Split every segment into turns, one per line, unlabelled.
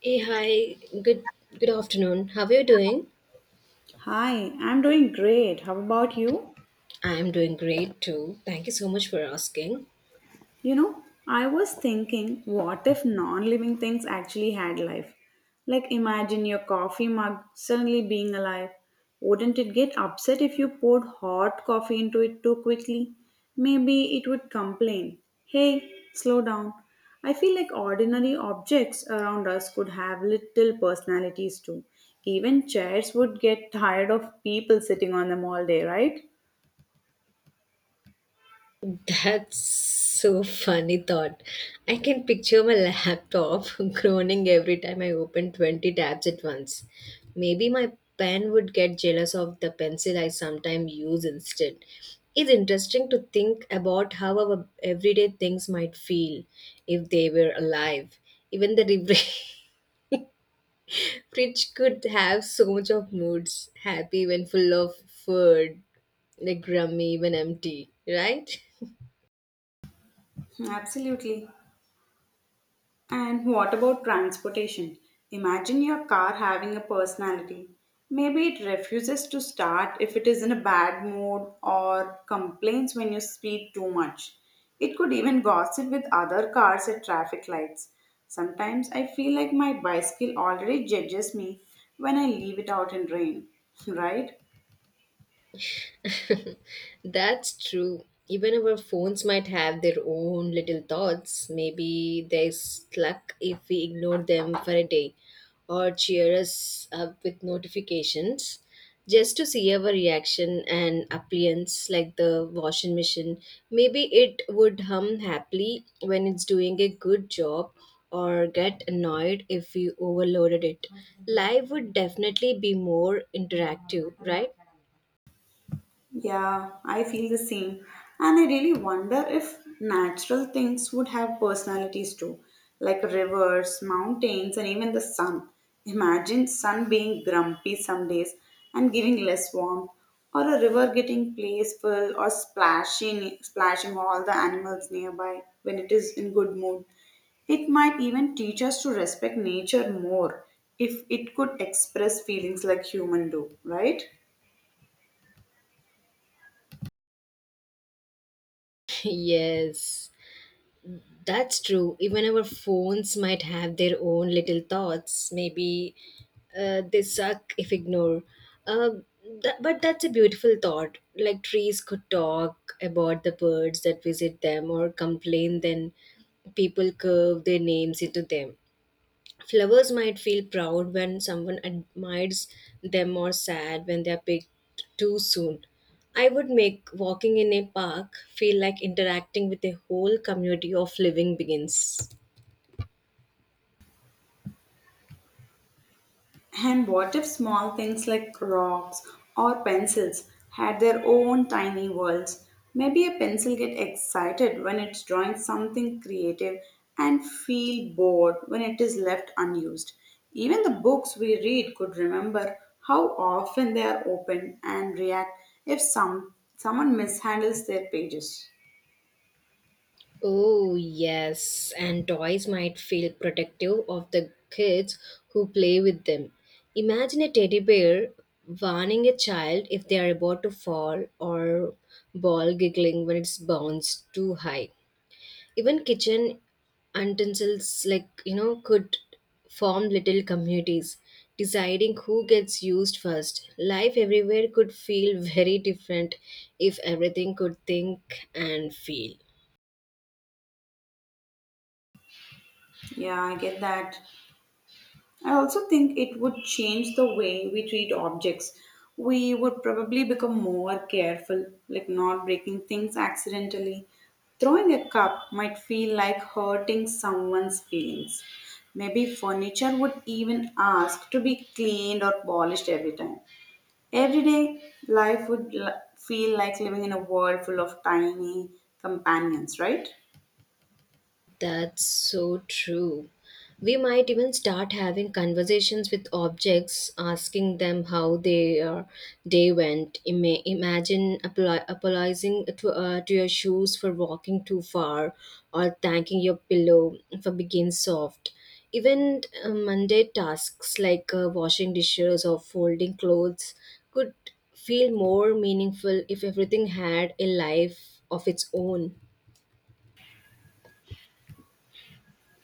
Hey, hi. Good afternoon. How are you doing?
Hi, I'm doing great. How about you?
I am doing great too. Thank you so much for asking.
You know, I was thinking, what if non living things actually had life? Like, imagine your coffee mug suddenly being alive. Wouldn't it get upset if you poured hot coffee into it too quickly? Maybe it would complain, "Hey, slow down." I feel like ordinary objects around us could have little personalities too. Even chairs would get tired of people sitting on them all day, right?
That's so funny thought. I can picture my laptop groaning every time I open 20 tabs at once. Maybe my pen would get jealous of the pencil I sometimes use instead. It's interesting to think about how our everyday things might feel if they were alive. Even the fridge could have so much of moods happy when full of food, like grumpy when empty, right?
Absolutely. And what about transportation? Imagine your car having a personality. Maybe it refuses to start if it is in a bad mood or complains when you speed too much. It could even gossip with other cars at traffic lights. Sometimes I feel like my bicycle already judges me when I leave it out in rain, right?
That's true. Even our phones might have their own little thoughts. Maybe they're stuck if we ignore them for a day or cheer us up with notifications just to see our reaction and appliance like the washing machine. Maybe it would hum happily when it's doing a good job or get annoyed if we overloaded it. Life would definitely be more interactive, right?
Yeah, I feel the same. And I really wonder if natural things would have personalities too, like rivers, mountains, and even the sun. Imagine sun being grumpy some days and giving less warmth, or a river getting playful or splashing all the animals nearby when it is in good mood. It might even teach us to respect nature more if it could express feelings like human do, right?
Yes. That's true. Even our phones might have their own little thoughts. Maybe they suck if ignored. Uh, but that's a beautiful thought. Like trees could talk about the birds that visit them or complain, then people curve their names into them. Flowers might feel proud when someone admires them or sad when they are picked too soon. I would make walking in a park feel like interacting with a whole community of living beings.
And what if small things like rocks or pencils had their own tiny worlds? Maybe a pencil gets excited when it's drawing something creative and feel bored when it is left unused. Even the books we read could remember how often they are opened and react if someone mishandles their pages.
Oh, yes, and toys might feel protective of the kids who play with them. Imagine a teddy bear warning a child if they are about to fall or ball giggling when it's bounced too high. Even kitchen utensils could form little communities deciding who gets used first. Life everywhere could feel very different if everything could think and feel.
Yeah, I get that. I also think it would change the way we treat objects. We would probably become more careful, like not breaking things accidentally. Throwing a cup might feel like hurting someone's feelings. Maybe furniture would even ask to be cleaned or polished every time. Everyday life would feel like living in a world full of tiny companions, right?
That's so true. We might even start having conversations with objects, asking them how their day went. Imagine apologizing to your shoes for walking too far, or thanking your pillow for being soft. Even mundane tasks like washing dishes or folding clothes could feel more meaningful if everything had a life of its own.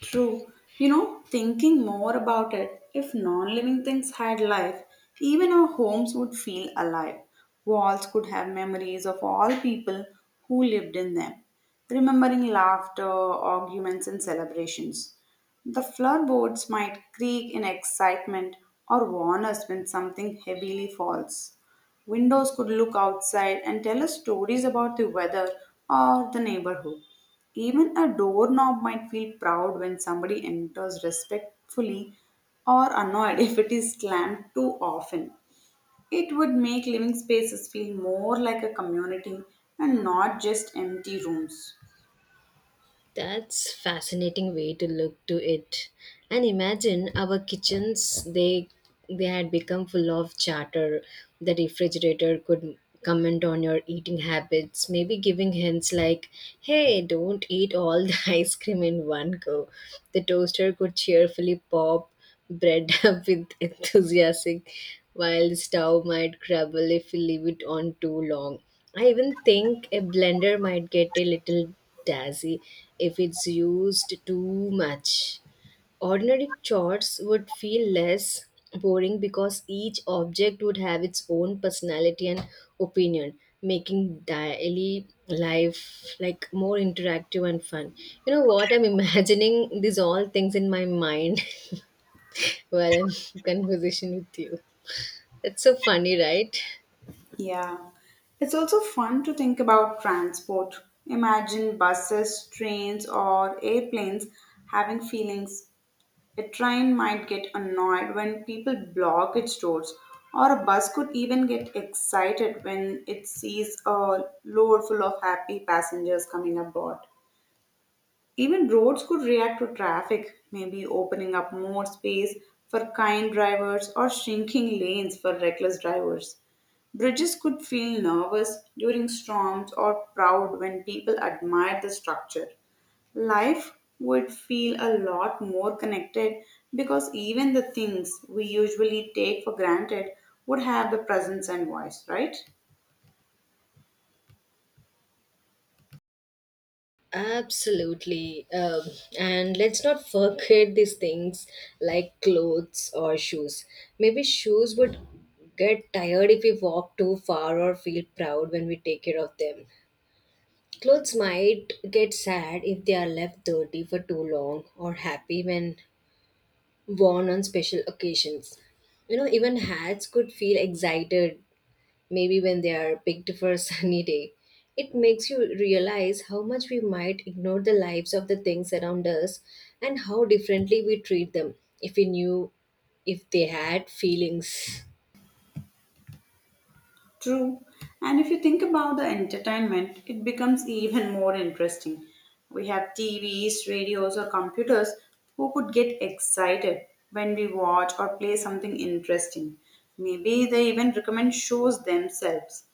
True. You know, thinking more about it, if non living things had life, even our homes would feel alive. Walls could have memories of all people who lived in them, remembering laughter, arguments, and celebrations. The floorboards might creak in excitement or warn us when something heavily falls. Windows could look outside and tell us stories about the weather or the neighborhood. Even a doorknob might feel proud when somebody enters respectfully or annoyed if it is slammed too often. It would make living spaces feel more like a community and not just empty rooms.
That's fascinating way to look to it. And imagine our kitchens they had become full of chatter. The refrigerator could comment on your eating habits, maybe giving hints like, "Hey, don't eat all the ice cream in one go." The toaster could cheerfully pop bread up with enthusiasm, while the stove might crumble if you leave it on too long. I even think a blender might get a little dazzy if it's used too much. Ordinary chores would feel less boring because each object would have its own personality and opinion, making daily life like more interactive and fun. You know what? I'm imagining these all things in my mind while I'm in conversation with you. That's so funny, right?
Yeah. It's also fun to think about transport. Imagine buses, trains, or airplanes having feelings. A train might get annoyed when people block its doors, or a bus could even get excited when it sees a load full of happy passengers coming aboard. Even roads could react to traffic, maybe opening up more space for kind drivers or shrinking lanes for reckless drivers. Bridges could feel nervous during storms or proud when people admired the structure. Life would feel a lot more connected because even the things we usually take for granted would have the presence and voice, right?
Absolutely. And let's not forget these things like clothes or shoes. Maybe shoes would get tired if we walk too far or feel proud when we take care of them. Clothes might get sad if they are left dirty for too long or happy when worn on special occasions. You know, even hats could feel excited maybe when they are picked for a sunny day. It makes you realize how much we might ignore the lives of the things around us and how differently we treat them if we knew if they had feelings.
True. And if you think about the entertainment, it becomes even more interesting. We have TVs, radios, or computers who could get excited when we watch or play something interesting. Maybe they even recommend shows themselves.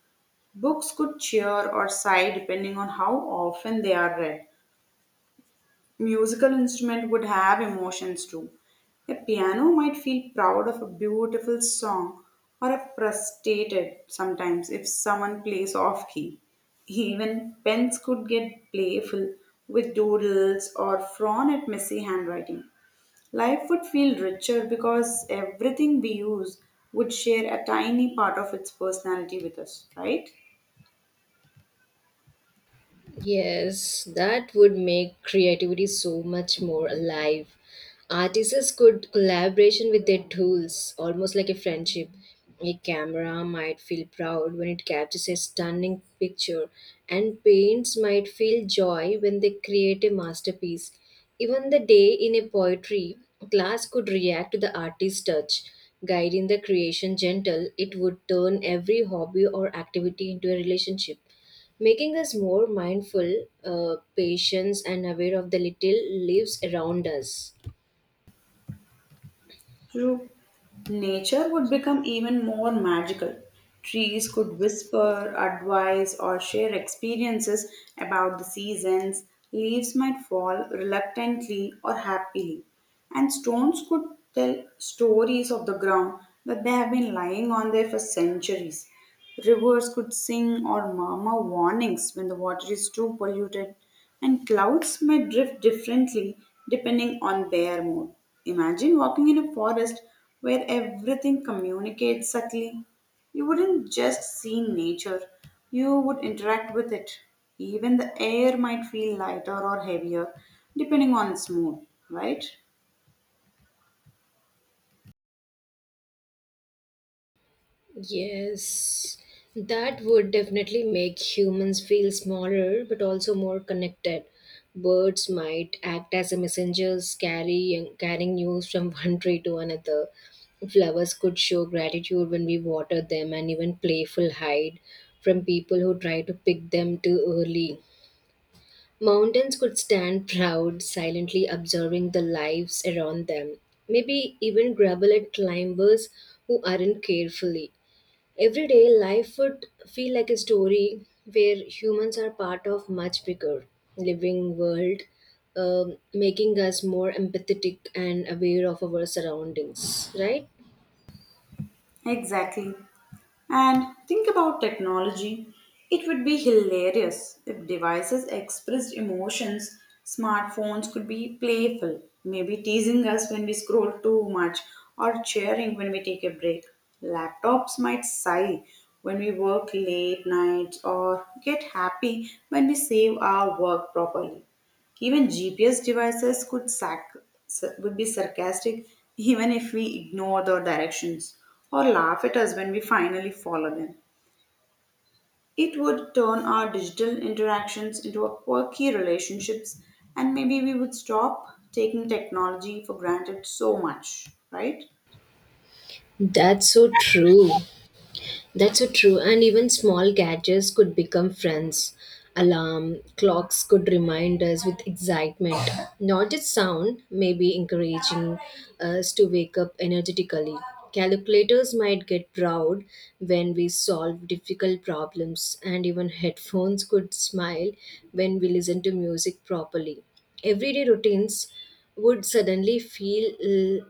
Books could cheer or sigh depending on how often they are read. Musical instrument would have emotions too. A piano might feel proud of a beautiful song or a frustrated sometimes if someone plays off key. Even pens could get playful with doodles or frown at messy handwriting. Life would feel richer because everything we use would share a tiny part of its personality with us, right?
Yes, that would make creativity so much more alive. Artists could collaboration with their tools, almost like a friendship. A camera might feel proud when it captures a stunning picture, and paints might feel joy when they create a masterpiece. Even the day in a poetry class could react to the artist's touch, guiding the creation gentle. It would turn every hobby or activity into a relationship making us more mindful, patient, and aware of the little lives around us.
True. Nature would become even more magical. Trees could whisper, advise, or share experiences about the seasons. Leaves might fall reluctantly or happily. And stones could tell stories of the ground that they have been lying on there for centuries. Rivers could sing or murmur warnings when the water is too polluted. And clouds may drift differently depending on their mood. Imagine walking in a forest where everything communicates subtly. You wouldn't just see nature, you would interact with it. Even the air might feel lighter or heavier depending on its mood, right?
Yes, that would definitely make humans feel smaller but also more connected. Birds might act as a messengers, carrying news from one tree to another. Flowers could show gratitude when we water them, and even playful hide from people who try to pick them too early. Mountains could stand proud, silently observing the lives around them. Maybe even grumble at climbers who aren't carefully. Everyday life would feel like a story where humans are part of much bigger living world, making us more empathetic and aware of our surroundings. Right?
Exactly. And think about technology. It would be hilarious if devices expressed emotions. Smartphones could be playful, maybe teasing us when we scroll too much or cheering when we take a break. Laptops might sigh when we work late nights or get happy when we save our work properly. Even GPS devices could would be sarcastic even if we ignore the directions or laugh at us when we finally follow them. It would turn our digital interactions into a quirky relationships and maybe we would stop taking technology for granted so much, right?
That's so true. That's so true. And even small gadgets could become friends. Alarm clocks could remind us with excitement, not just sound, maybe encouraging us to wake up energetically. Calculators might get proud when we solve difficult problems, and even headphones could smile when we listen to music properly. Everyday routines would suddenly feel l-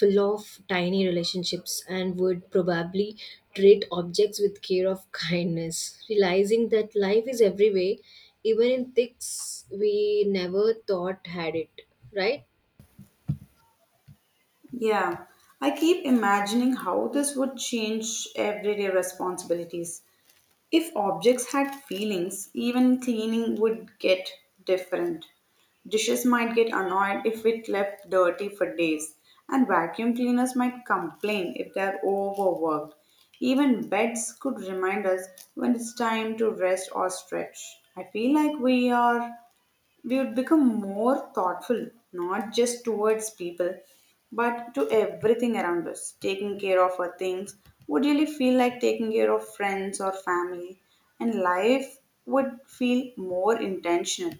full of tiny relationships and would probably treat objects with care of kindness, realizing that life is everywhere, even in things we never thought had it, right?
Yeah, I keep imagining how this would change everyday responsibilities. If objects had feelings, even cleaning would get different. Dishes might get annoyed if it left dirty for days, and vacuum cleaners might complain if they're overworked. Even beds could remind us when it's time to rest or stretch. I feel like we would become more thoughtful, not just towards people, but to everything around us. Taking care of our things would really feel like taking care of friends or family, and life would feel more intentional.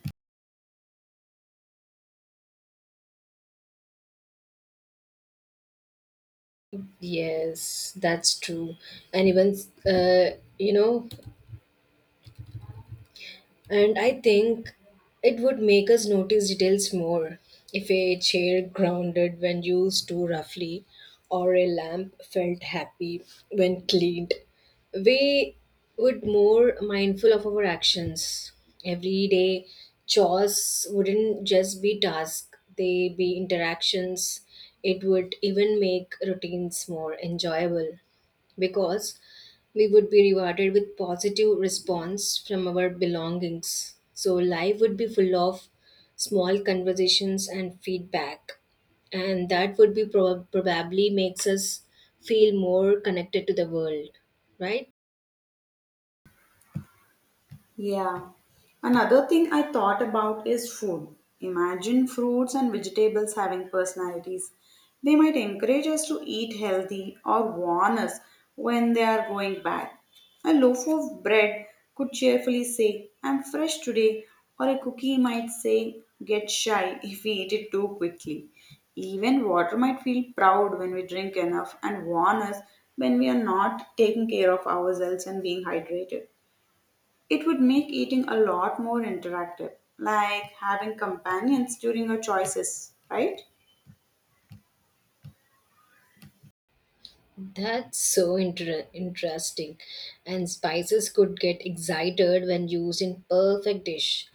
Yes, that's true. And even, uh, you know, And I think it would make us notice details more if a chair grounded when used too roughly or a lamp felt happy when cleaned. We would more mindful of our actions. Everyday chores wouldn't just be tasks, they be interactions. It would even make routines more enjoyable because we would be rewarded with positive response from our belongings. So life would be full of small conversations and feedback, and that would be probably makes us feel more connected to the world, right?
Yeah. Another thing I thought about is food. Imagine fruits and vegetables having personalities. They might encourage us to eat healthy or warn us when they are going bad. A loaf of bread could cheerfully say, "I'm fresh today," or a cookie might say, get shy if we eat it too quickly. Even water might feel proud when we drink enough and warn us when we are not taking care of ourselves and being hydrated. It would make eating a lot more interactive, like having companions during your choices, right?
That's so interesting. And spices could get excited when used in perfect dish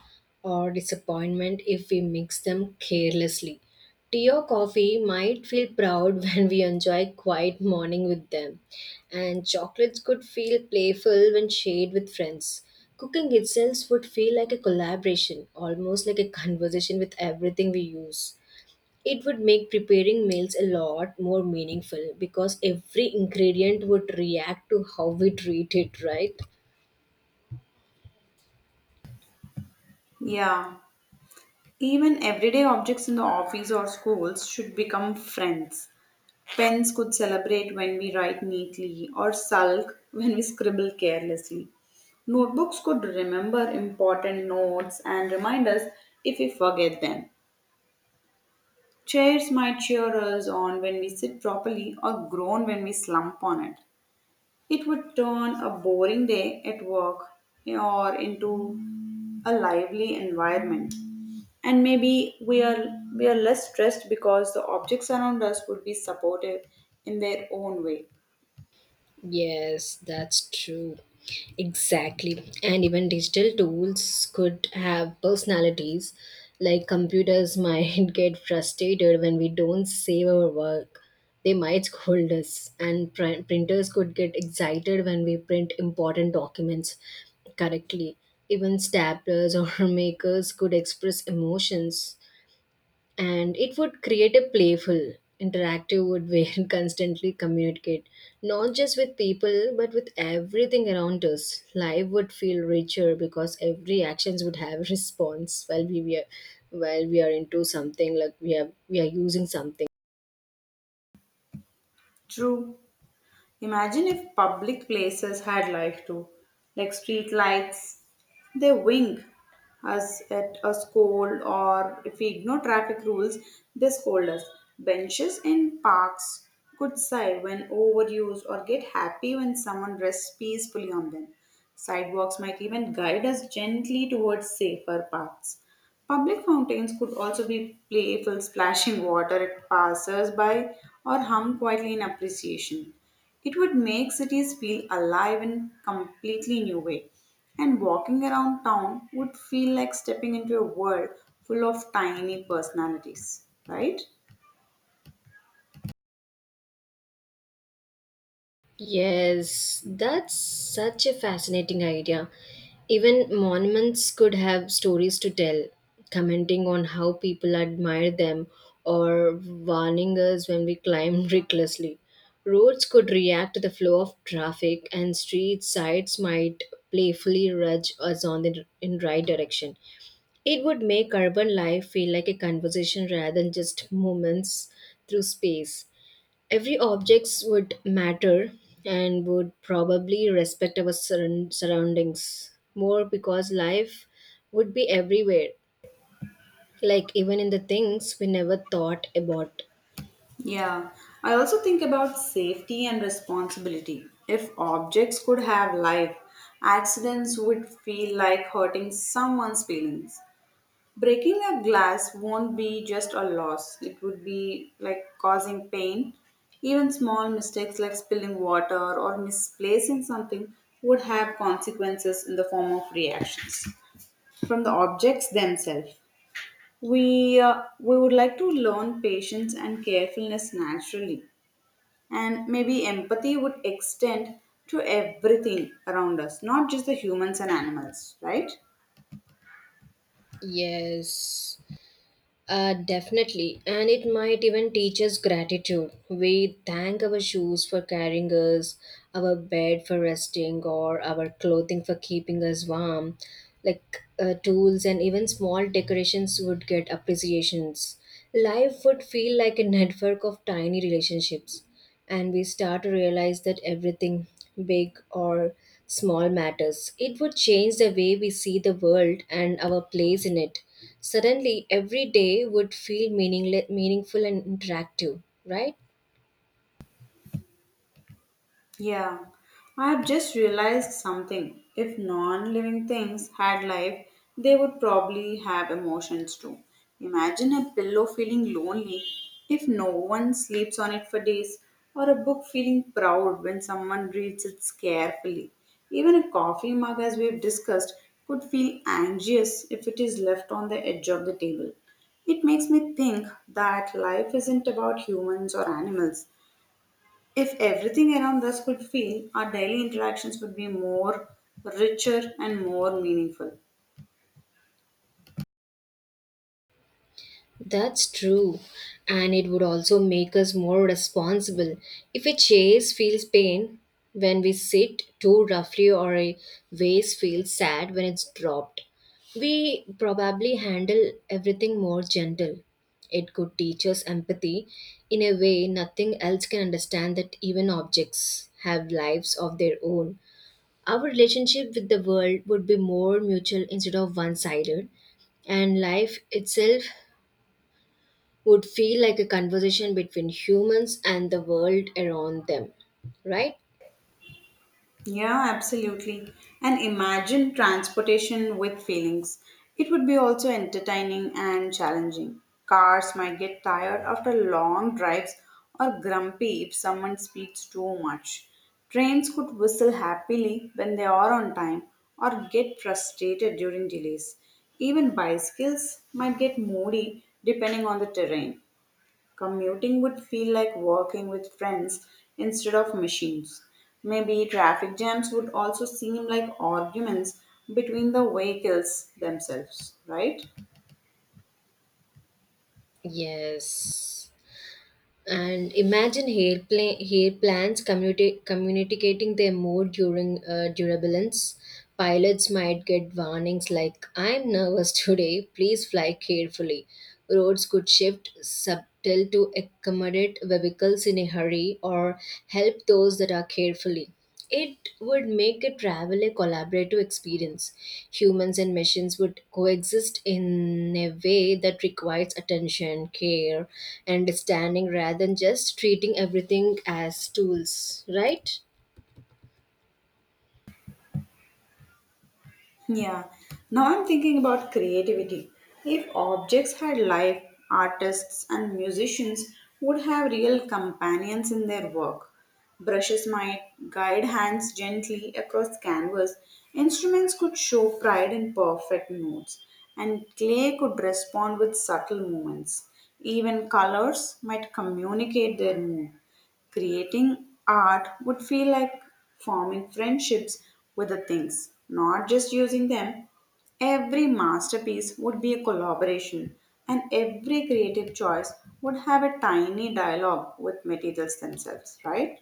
or disappointment if we mix them carelessly. Tea or coffee might feel proud when we enjoy quiet morning with them. And chocolates could feel playful when shared with friends. Cooking itself would feel like a collaboration, almost like a conversation with everything we use. It would make preparing meals a lot more meaningful because every ingredient would react to how we treat it, right?
Yeah. Even everyday objects in the office or schools should become friends. Pens could celebrate when we write neatly or sulk when we scribble carelessly. Notebooks could remember important notes and remind us if we forget them. Chairs might cheer us on when we sit properly or groan when we slump on it. It would turn a boring day at work or into a lively environment. And maybe we are less stressed because the objects around us would be supportive in their own way.
Yes, that's true. Exactly. And even digital tools could have personalities. Like computers might get frustrated when we don't save our work. They might scold us. And printers could get excited when we print important documents correctly. Even staplers or makers could express emotions and it would create a playful interactive wood where constantly communicate not just with people but with everything around us. Life would feel richer because every actions would have a response while we are while we are into something like we have we are using something
True. Imagine if public places had life too, like street lights. They wink us at a scold, or if we ignore traffic rules, they scold us. Benches in parks could sigh when overused or get happy when someone rests peacefully on them. Sidewalks might even guide us gently towards safer paths. Public fountains could also be playful, splashing water at passers by or hum quietly in appreciation. It would make cities feel alive in a completely new way. And walking around town would feel like stepping into a world full of tiny personalities, right?
Yes, that's such a fascinating idea. Even monuments could have stories to tell, commenting on how people admire them or warning us when we climb recklessly. Roads could react to the flow of traffic, and street sides might playfully nudge us on the in right direction. It would make urban life feel like a conversation rather than just movements through space every objects would matter and would probably respect our surround- surroundings more because life would be everywhere like even in the things we never thought about.
Yeah, I also think about safety and responsibility. If objects could have life, accidents would feel like hurting someone's feelings. Breaking a glass won't be just a loss, it would be like causing pain. Even small mistakes like spilling water or misplacing something would have consequences in the form of reactions from the objects themselves. We would like to learn patience and carefulness naturally, and maybe empathy would extend to everything around us, not just the humans and animals, right?
Yes. Definitely, and it might even teach us gratitude. We thank our shoes for carrying us, our bed for resting, or our clothing for keeping us warm. Like tools and even small decorations would get appreciations. Life would feel like a network of tiny relationships and we start to realize that everything, big or small, matters. It would change the way we see the world and our place in it. Suddenly, every day would feel meaningful and interactive, right?
Yeah, I have just realized something. If non living things had life, they would probably have emotions too. Imagine a pillow feeling lonely if no one sleeps on it for days, or a book feeling proud when someone reads it carefully. Even a coffee mug, as we've discussed, could feel anxious if it is left on the edge of the table. It makes me think that life isn't about humans or animals. If everything around us could feel, our daily interactions would be more richer and more meaningful.
That's true. And it would also make us more responsible. If a chase feels pain when we sit too roughly or a vase feels sad when it's dropped, we probably handle everything more gentle. It could teach us empathy in a way nothing else can understand that even objects have lives of their own. Our relationship with the world would be more mutual instead of one sided and life itself would feel like a conversation between humans and the world around them, right?
Yeah, absolutely. And imagine transportation with feelings. It would be also entertaining and challenging. Cars might get tired after long drives or grumpy if someone speaks too much. Trains could whistle happily when they are on time or get frustrated during delays. Even bicycles might get moody depending on the terrain. Commuting would feel like walking with friends instead of machines. Maybe traffic jams would also seem like arguments between the vehicles themselves, right?
Yes. And imagine hair, hair plants communicating their mood during durability. Pilots might get warnings like, I'm nervous today, please fly carefully. Roads could shift subtle to accommodate vehicles in a hurry or help those that are carefully. It would make a travel a collaborative experience. Humans and machines would coexist in a way that requires attention, care, and understanding rather than just treating everything as tools, right?
Yeah. Now I'm thinking about creativity. If objects had life, artists and musicians would have real companions in their work. Brushes might guide hands gently across canvas. Instruments could show pride in perfect notes. And clay could respond with subtle movements. Even colors might communicate their mood. Creating art would feel like forming friendships with the things, not just using them. Every masterpiece would be a collaboration, and every creative choice would have a tiny dialogue with materials themselves, right?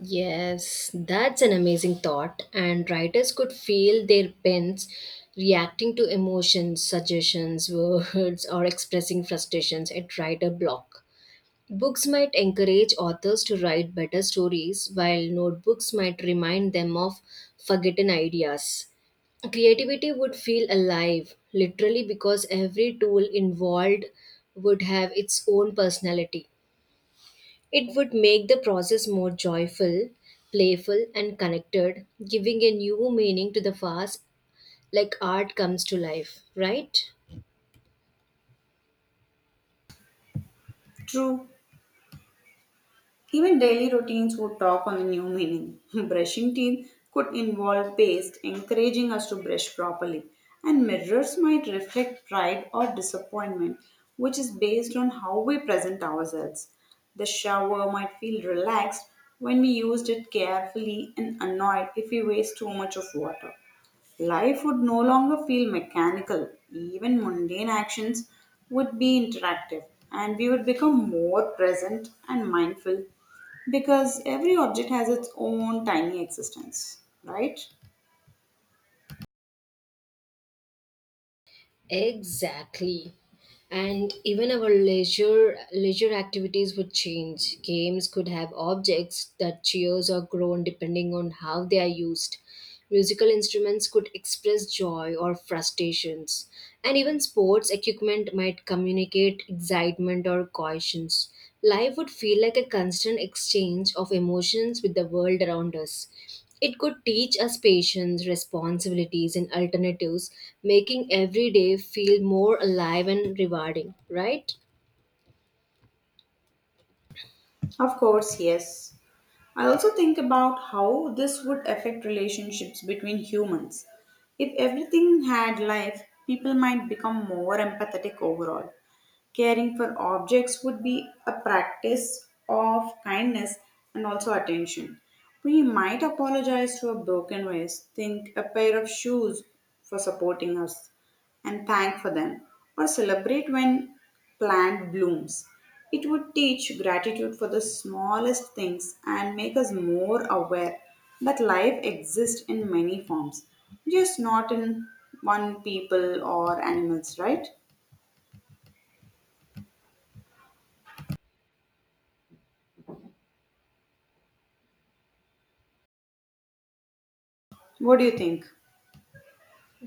Yes, that's an amazing thought. And writers could feel their pens reacting to emotions, suggestions, words, or expressing frustrations at writer block. Books might encourage authors to write better stories, while notebooks might remind them of forgotten ideas. Creativity would feel alive, literally, because every tool involved would have its own personality. It would make the process more joyful, playful, and connected, giving a new meaning to the fast, like art comes to life, right?
True. Even daily routines would talk on the new meaning. Brushing teeth could involve paste, encouraging us to brush properly, and mirrors might reflect pride or disappointment, which is based on how we present ourselves. The shower might feel relaxed when we used it carefully and annoyed if we waste too much of water. Life would no longer feel mechanical. Even mundane actions would be interactive, and we would become more present and mindful because every object has its own tiny existence, right?
Exactly. And even our leisure activities would change. Games could have objects that cheers or groan depending on how they are used. Musical instruments could express joy or frustrations. And even sports equipment might communicate excitement or cautions. Life would feel like a constant exchange of emotions with the world around us. It could teach us patience, responsibilities, and alternatives, making every day feel more alive and rewarding, right?
Of course, yes. I also think about how this would affect relationships between humans. If everything had life, people might become more empathetic overall. Caring for objects would be a practice of kindness and also attention. We might apologize to a broken vase, think a pair of shoes for supporting us, and thank for them, or celebrate when plant blooms. It would teach gratitude for the smallest things and make us more aware that life exists in many forms, just not in one people or animals, right? What do you think?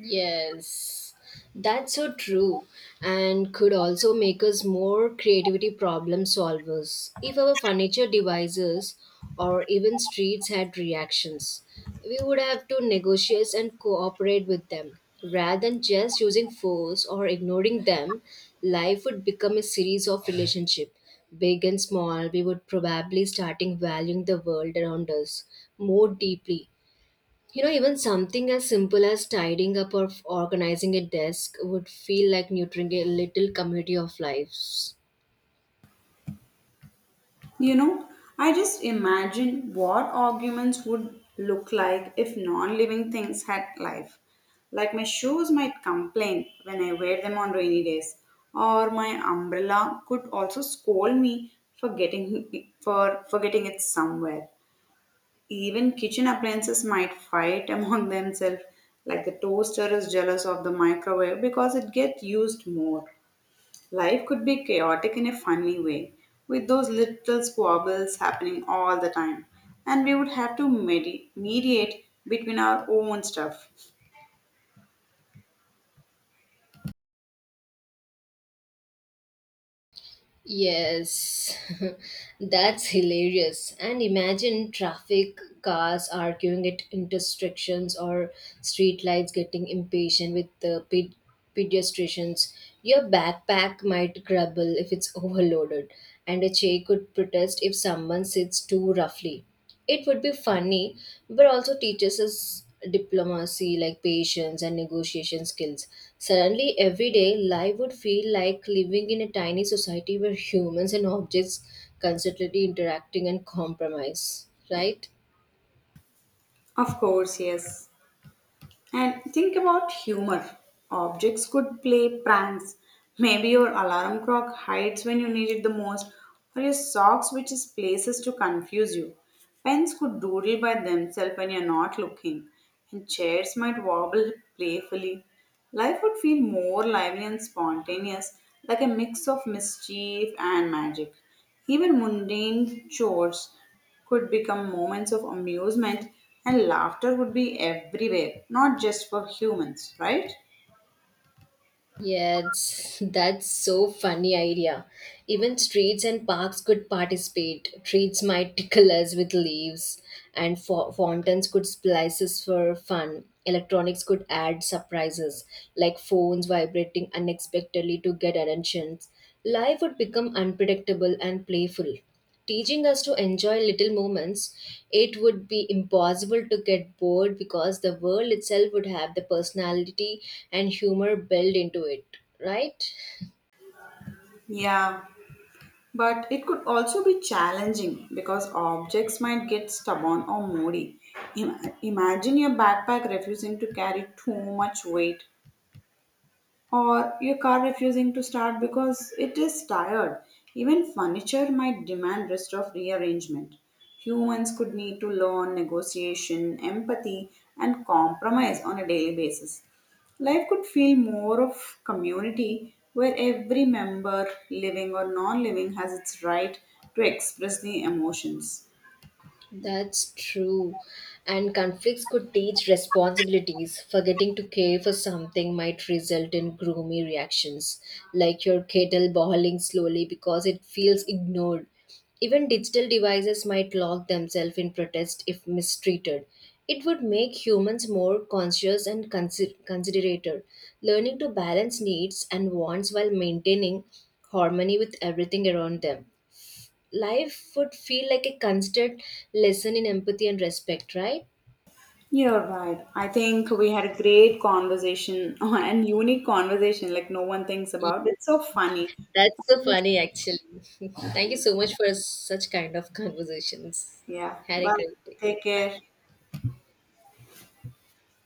Yes, that's so true, and could also make us more creativity problem solvers. If our furniture devices or even streets had reactions, we would have to negotiate and cooperate with them. Rather than just using force or ignoring them, life would become a series of relationship. Big and small, we would probably starting valuing the world around us more deeply. You know, even something as simple as tidying up or organizing a desk would feel like nurturing a little community of lives.
You know, I just imagine what arguments would look like if non living things had life. Like my shoes might complain when I wear them on rainy days, or my umbrella could also scold me for forgetting it somewhere. Even kitchen appliances might fight among themselves, like the toaster is jealous of the microwave because it gets used more. Life could be chaotic in a funny way, with those little squabbles happening all the time, and we would have to mediate between our own stuff.
Yes, that's hilarious. And imagine traffic, cars arguing at intersections, or street lights getting impatient with the pedestrians. Your backpack might grumble if it's overloaded, and a chair could protest if someone sits too roughly. It would be funny, but also teaches us diplomacy, like patience and negotiation skills. Suddenly, everyday life would feel like living in a tiny society where humans and objects constantly interacting and compromise, right?
Of course, yes. And think about humor. Objects could play pranks. Maybe your alarm clock hides when you need it the most, or your socks switches places to confuse you. Pens could doodle by themselves when you're not looking, and chairs might wobble playfully. Life would feel more lively and spontaneous, like a mix of mischief and magic. Even mundane chores could become moments of amusement and laughter would be everywhere, not just for humans, right?
Yes, that's so funny idea. Even streets and parks could participate. Trees might tickle us with leaves, and fountains could splice us for fun. Electronics could add surprises, like phones vibrating unexpectedly to get attention. Life would become unpredictable and playful teaching us to enjoy little moments. It would be impossible to get bored because the world itself would have the personality and humor built into it, right?
Yeah, but it could also be challenging because objects might get stubborn or moody. Imagine your backpack refusing to carry too much weight or your car refusing to start because it is tired. Even furniture might demand rest of rearrangement. Humans could need to learn negotiation, empathy, and compromise on a daily basis. Life could feel more of community where every member, living or non living, has its right to express the emotions.
That's true. And conflicts could teach responsibilities. Forgetting to care for something might result in gloomy reactions, like your kettle boiling slowly because it feels ignored. Even digital devices might lock themselves in protest if mistreated. It would make humans more conscious and considerate. Learning to balance needs and wants while maintaining harmony with everything around them life would feel like a constant lesson in empathy and respect, right?
You're right. I think we had a great conversation and unique conversation, like no one thinks
Yeah,
about. It's so funny.
that's so funny, actually. Thank you so much for such kind of conversations.
Yeah.
Had a
Bye.
great day.
Take
Bye.
care.